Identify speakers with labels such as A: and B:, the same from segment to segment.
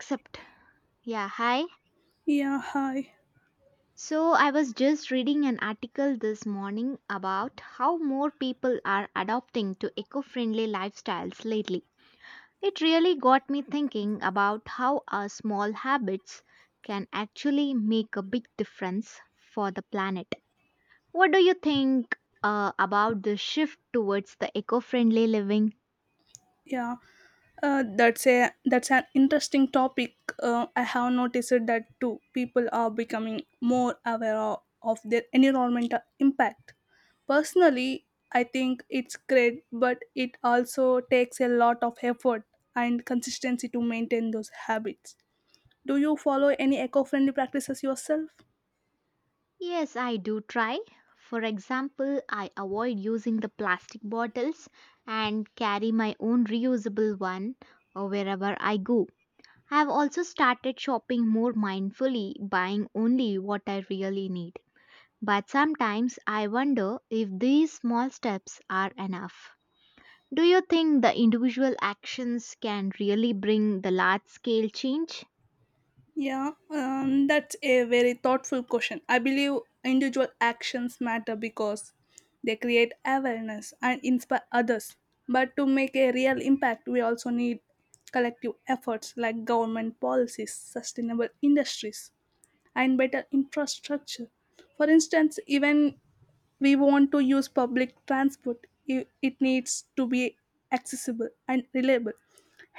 A: Except, yeah, hi.
B: Yeah, hi.
A: So, I was just reading an article this morning about how more people are adopting to eco friendly lifestyles lately. It really got me thinking about how our small habits can actually make a big difference for the planet. What do you think about the shift towards the eco friendly living?
B: Yeah, that's a that's an interesting topic. I have noticed that too. People are becoming more aware of their environmental impact. Personally, I think it's great, but it also takes a lot of effort and consistency to maintain those habits. Do you follow any eco-friendly practices yourself?
A: Yes, I do try. For example, I avoid using the plastic bottles and carry my own reusable one wherever I go. I have also started shopping more mindfully, buying only what I really need. But sometimes I wonder if these small steps are enough. Do you think the individual actions can really bring the large scale change?
B: Yeah, that's a very thoughtful question. I believe individual actions matter because they create awareness and inspire others. But to make a real impact, we also need collective efforts like government policies, sustainable industries, and better infrastructure. For instance, even we want to use public transport, it needs to be accessible and reliable.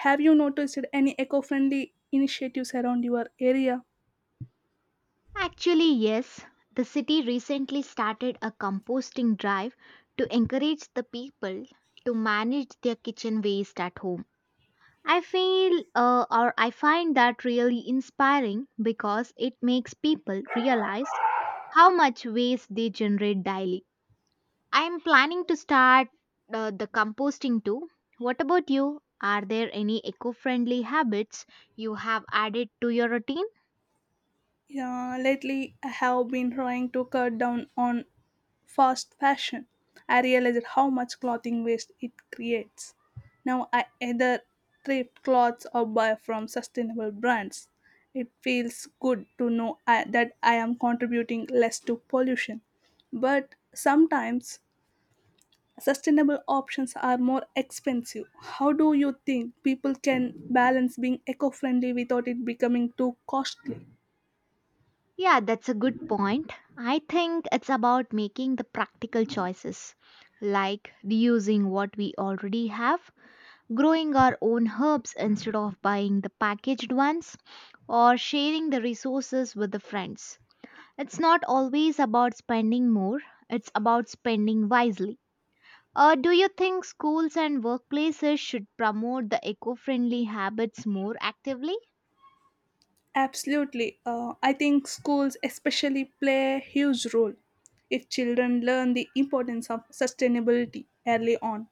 B: Have you noticed any eco-friendly initiatives around your area?
A: Actually, yes. The city recently started a composting drive to encourage the people to manage their kitchen waste at home. I feel or I find that really inspiring because it makes people realize how much waste they generate daily. I am planning to start the composting too. What about you? Are there any eco friendly habits you have added to your routine?
B: Yeah, lately I have been trying to cut down on fast fashion. I realized how much clothing waste it creates. Now I either thrift clothes or buy from sustainable brands. It feels good to know that I am contributing less to pollution. But sometimes sustainable options are more expensive. How do you think people can balance being eco friendly without it becoming too costly?
A: Yeah, that's a good point. I think it's about making the practical choices, like reusing what we already have, growing our own herbs instead of buying the packaged ones, or sharing the resources with the friends. It's not always about spending more, it's about spending wisely. Do you think schools and workplaces should promote the eco friendly habits more actively?
B: Absolutely. I think schools especially play a huge role. If children learn the importance of sustainability early on,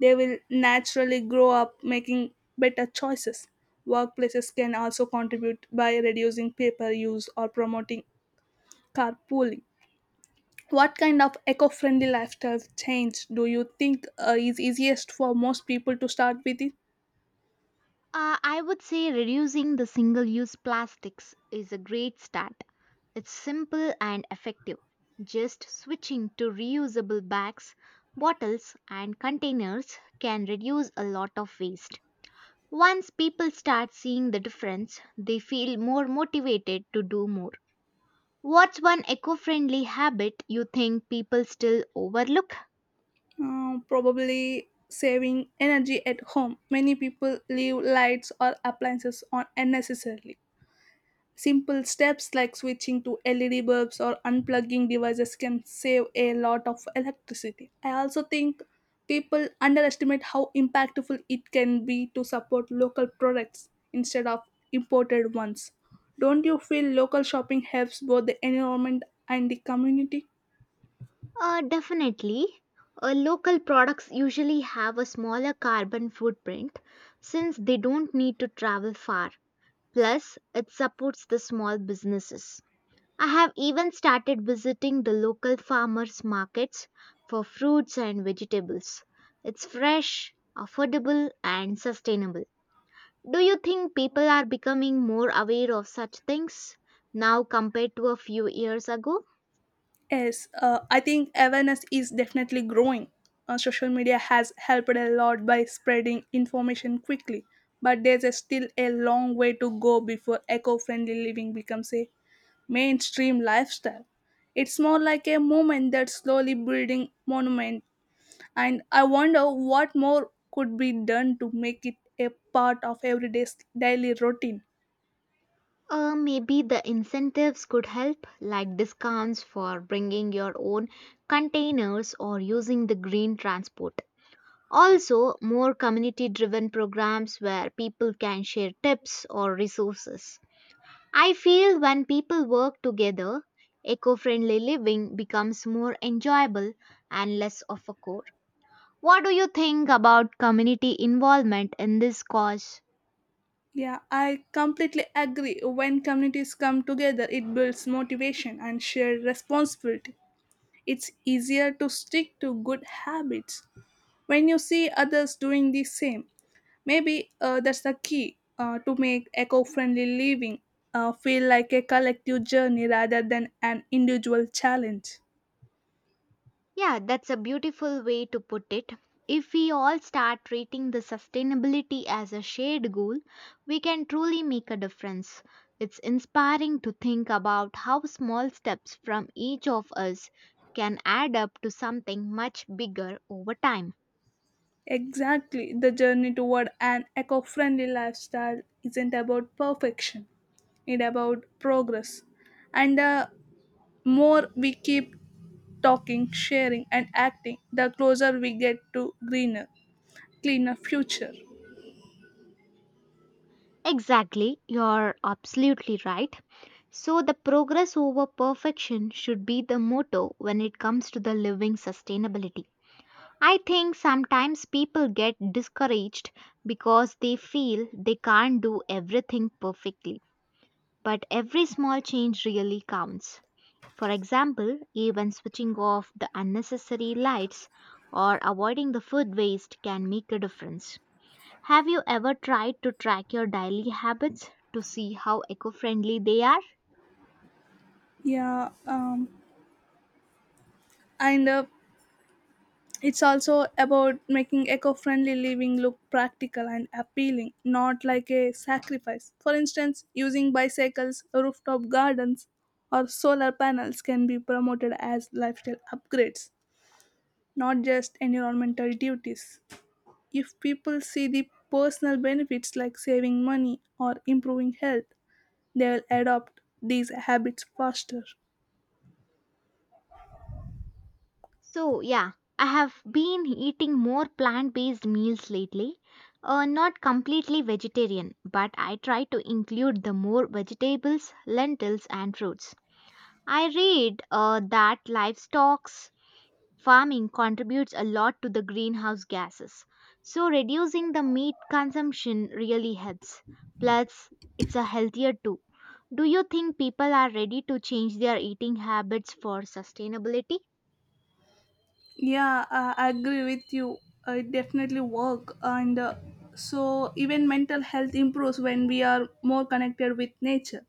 B: they will naturally grow up making better choices. Workplaces can also contribute by reducing paper use or promoting carpooling. What kind of eco friendly lifestyle change do you think is easiest for most people to start with?
A: I would say reducing the single use plastics is a great start. It's simple and effective. Just switching to reusable bags, bottles, and containers can reduce a lot of waste. Once people start seeing the difference, they feel more motivated to do more. What's one eco friendly habit you think people still overlook?
B: Probably saving energy at home. Many people leave lights or appliances on unnecessarily. Simple steps like switching to LED bulbs or unplugging devices can save a lot of electricity. I also think people underestimate how impactful it can be to support local products instead of imported ones. Don't you feel local shopping helps both the environment and the community?
A: Definitely. Local products usually have a smaller carbon footprint since they don't need to travel far. Plus, it supports the small businesses. I have even started visiting the local farmers' markets for fruits and vegetables. It's fresh, affordable, and sustainable. Do you think people are becoming more aware of such things now compared to a few years ago?
B: Yes, I think awareness is definitely growing. Social media has helped a lot by spreading information quickly, but there's a still a long way to go before eco friendly living becomes a mainstream lifestyle. It's more like a movement that's slowly building monument, and I wonder what more could be done to make it a part of everyday's daily routine.
A: Maybe the incentives could help, like discounts for bringing your own containers or using the green transport. Also, more community driven programs where people can share tips or resources. I feel when people work together, eco friendly living becomes more enjoyable and less of a chore. What do you think about community involvement in this cause?
B: Yeah, I completely agree. When communities come together, it builds motivation and shared responsibility. It's easier to stick to good habits when you see others doing the same. Maybe that's the key to make eco friendly living feel like a collective journey rather than an individual challenge.
A: Yeah, that's a beautiful way to put it. If we all start treating the sustainability as a shared goal, we can truly make a difference. It's inspiring to think about how small steps from each of us can add up to something much bigger over time.
B: Exactly, the journey toward an eco friendly lifestyle isn't about perfection, it's about progress and the more we keep talking, sharing, and acting, the closer we get to greener, cleaner future.
A: Exactly, you're absolutely right. So, the progress over perfection should be the motto when it comes to the living sustainability. I think sometimes people get discouraged because they feel they can't do everything perfectly. But every small change really counts. For example, even switching off the unnecessary lights or avoiding the food waste can make a difference. Have you ever tried to track your daily habits to see how eco friendly they are?
B: Yeah, and it's also about making eco-friendly living look practical and appealing, not like a sacrifice. For instance, using bicycles, rooftop gardens, or solar panels can be promoted as lifestyle upgrades, not just environmental duties. If people see the personal benefits like saving money or improving health, they will adopt these habits faster.
A: So, yeah, I have been eating more plant based meals lately. Not completely vegetarian, but I try to include the more vegetables, lentils, and fruits. I read that livestock farming contributes a lot to the greenhouse gases. So, reducing the meat consumption really helps. Plus, it's a healthier too. Do you think people are ready to change their eating habits for sustainability?
B: Yeah, I agree with you. It definitely work, and so even mental health improves when we are more connected with nature.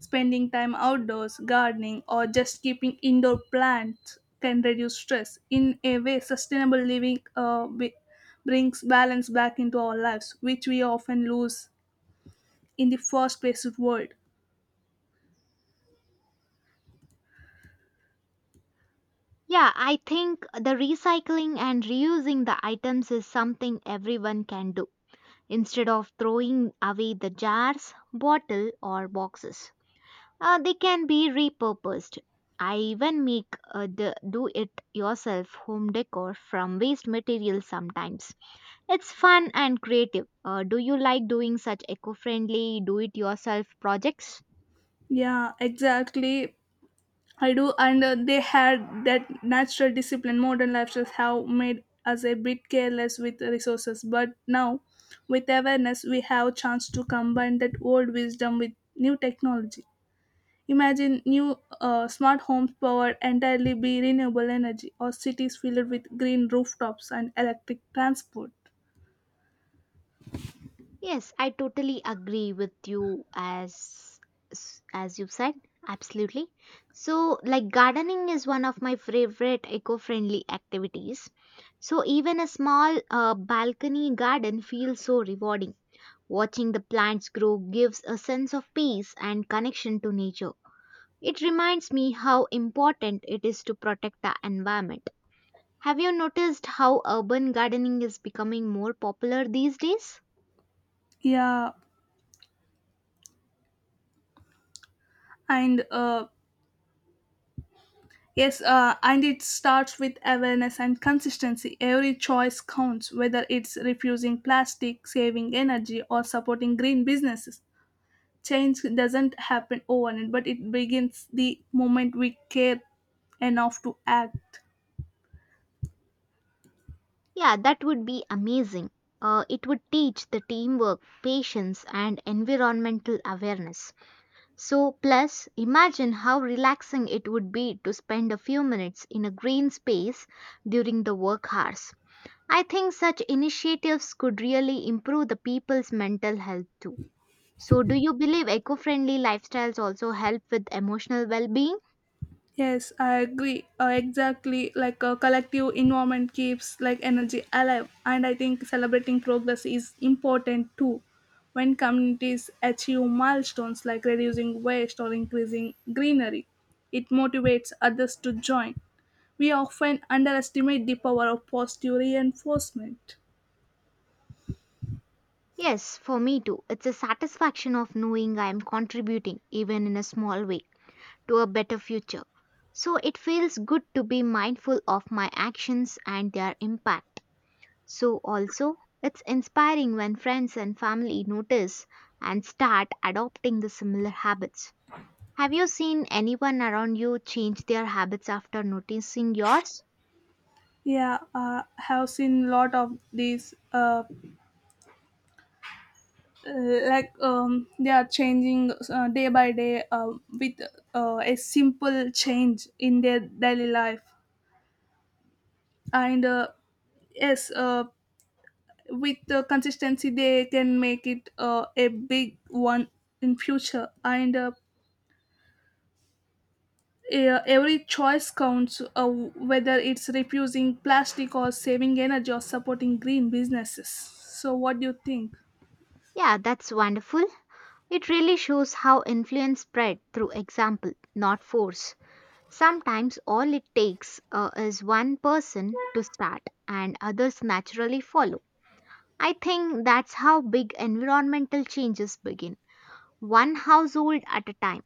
B: Spending time outdoors, gardening, or just keeping indoor plants can reduce stress. In a way, sustainable living brings balance back into our lives, which we often lose in the fast paced world.
A: Yeah, I think the recycling and reusing the items is something everyone can do instead of throwing away the jars, bottle, or boxes. They can be repurposed. I even make the do it yourself home decor from waste materials sometimes. It's fun and creative. Do you like doing such eco friendly do it yourself projects?
B: Yeah, exactly. I do, and they had that natural discipline. Modern lifestyles have made us a bit careless with the resources, but now, with awareness, we have a chance to combine that old wisdom with new technology. Imagine new smart homes powered entirely by renewable energy, or cities filled with green rooftops and electric transport.
A: Yes, I totally agree with you as you've said. Absolutely. So, like gardening is one of my favorite eco-friendly activities. So, even a small balcony garden feels so rewarding. Watching the plants grow gives a sense of peace and connection to nature. It reminds me how important it is to protect the environment. Have you noticed how urban gardening is becoming more popular these days?
B: Yeah, and uh, Yes, and it starts with awareness and consistency. Every choice counts, whether it's refusing plastic, saving energy, or supporting green businesses. Change doesn't happen overnight, but it begins the moment we care enough to act.
A: Yeah, that would be amazing. It would teach the teamwork, patience, and environmental awareness. So, plus, imagine how relaxing it would be to spend a few minutes in a green space during the work hours. I think such initiatives could really improve the people's mental health too. So, do you believe eco friendly lifestyles also help with emotional well being?
B: Yes, I agree. Exactly, like a collective environment keeps like energy alive, and I think celebrating progress is important too. When communities achieve milestones like reducing waste or increasing greenery, it motivates others to join. We often underestimate the power of positive reinforcement.
A: Yes, for me too. It's a satisfaction of knowing I am contributing, even in a small way to a better future. So it feels good to be mindful of my actions and their impact. So also, it's inspiring when friends and family notice and start adopting the similar habits. Have you seen anyone around you change their habits after noticing yours?
B: Yeah, I have seen a lot of these. They are changing day by day with a simple change in their daily life and yes uh, with the consistency they can make it a big one in future and every choice counts, whether it's refusing plastic or saving energy or supporting green businesses. So what do you think?
A: Yeah, that's wonderful. It really shows how influence spread through example, not force. Sometimes all it takes is one person to start and others naturally follow. I think that's how big environmental changes begin, one household at a time.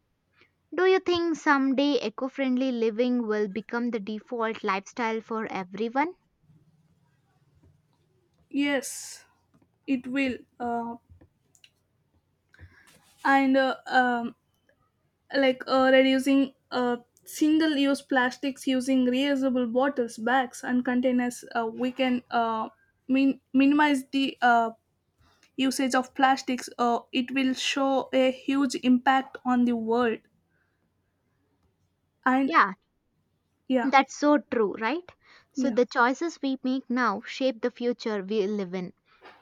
A: Do you think someday eco friendly living will become the default lifestyle for everyone?
B: Yes, it will, and like reducing single use plastics, using reusable bottles, bags and containers, we can minimize the usage of plastics. It will show a huge impact on the world. And
A: Yeah,
B: yeah
A: that's so true, right? So
B: yeah
A: the choices we make now shape the future we live in,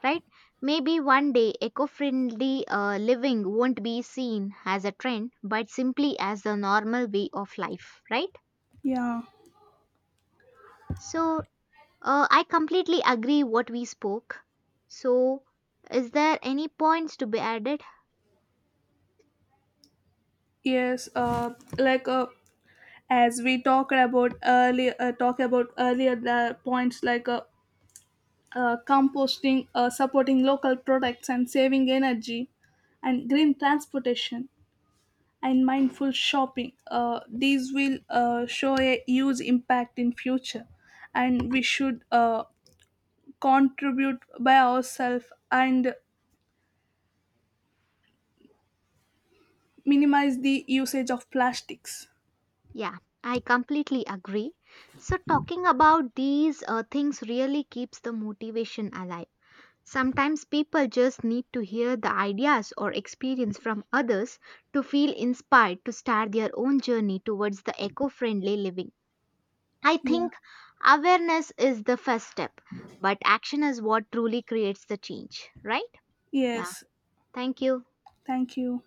A: right? Maybe one day eco friendly living won't be seen as a trend but simply as the normal way of life, right?
B: yeah
A: So, I completely agree what we spoke. So, is there any points to be added?
B: yes like As we talked about earlier, the points like composting, supporting local products, and saving energy, and green transportation and mindful shopping. These will show a huge impact in future, and we should contribute by ourselves and minimize the usage of plastics.
A: Yeah, I completely agree. So, talking about these things really keeps the motivation alive. Sometimes people just need to hear the ideas or experience from others to feel inspired to start their own journey towards the eco friendly living. I
B: Yeah.
A: think awareness is the first step, but action is what truly creates the change, right? Yeah,
B: Yes.
A: thank you.
B: Thank you.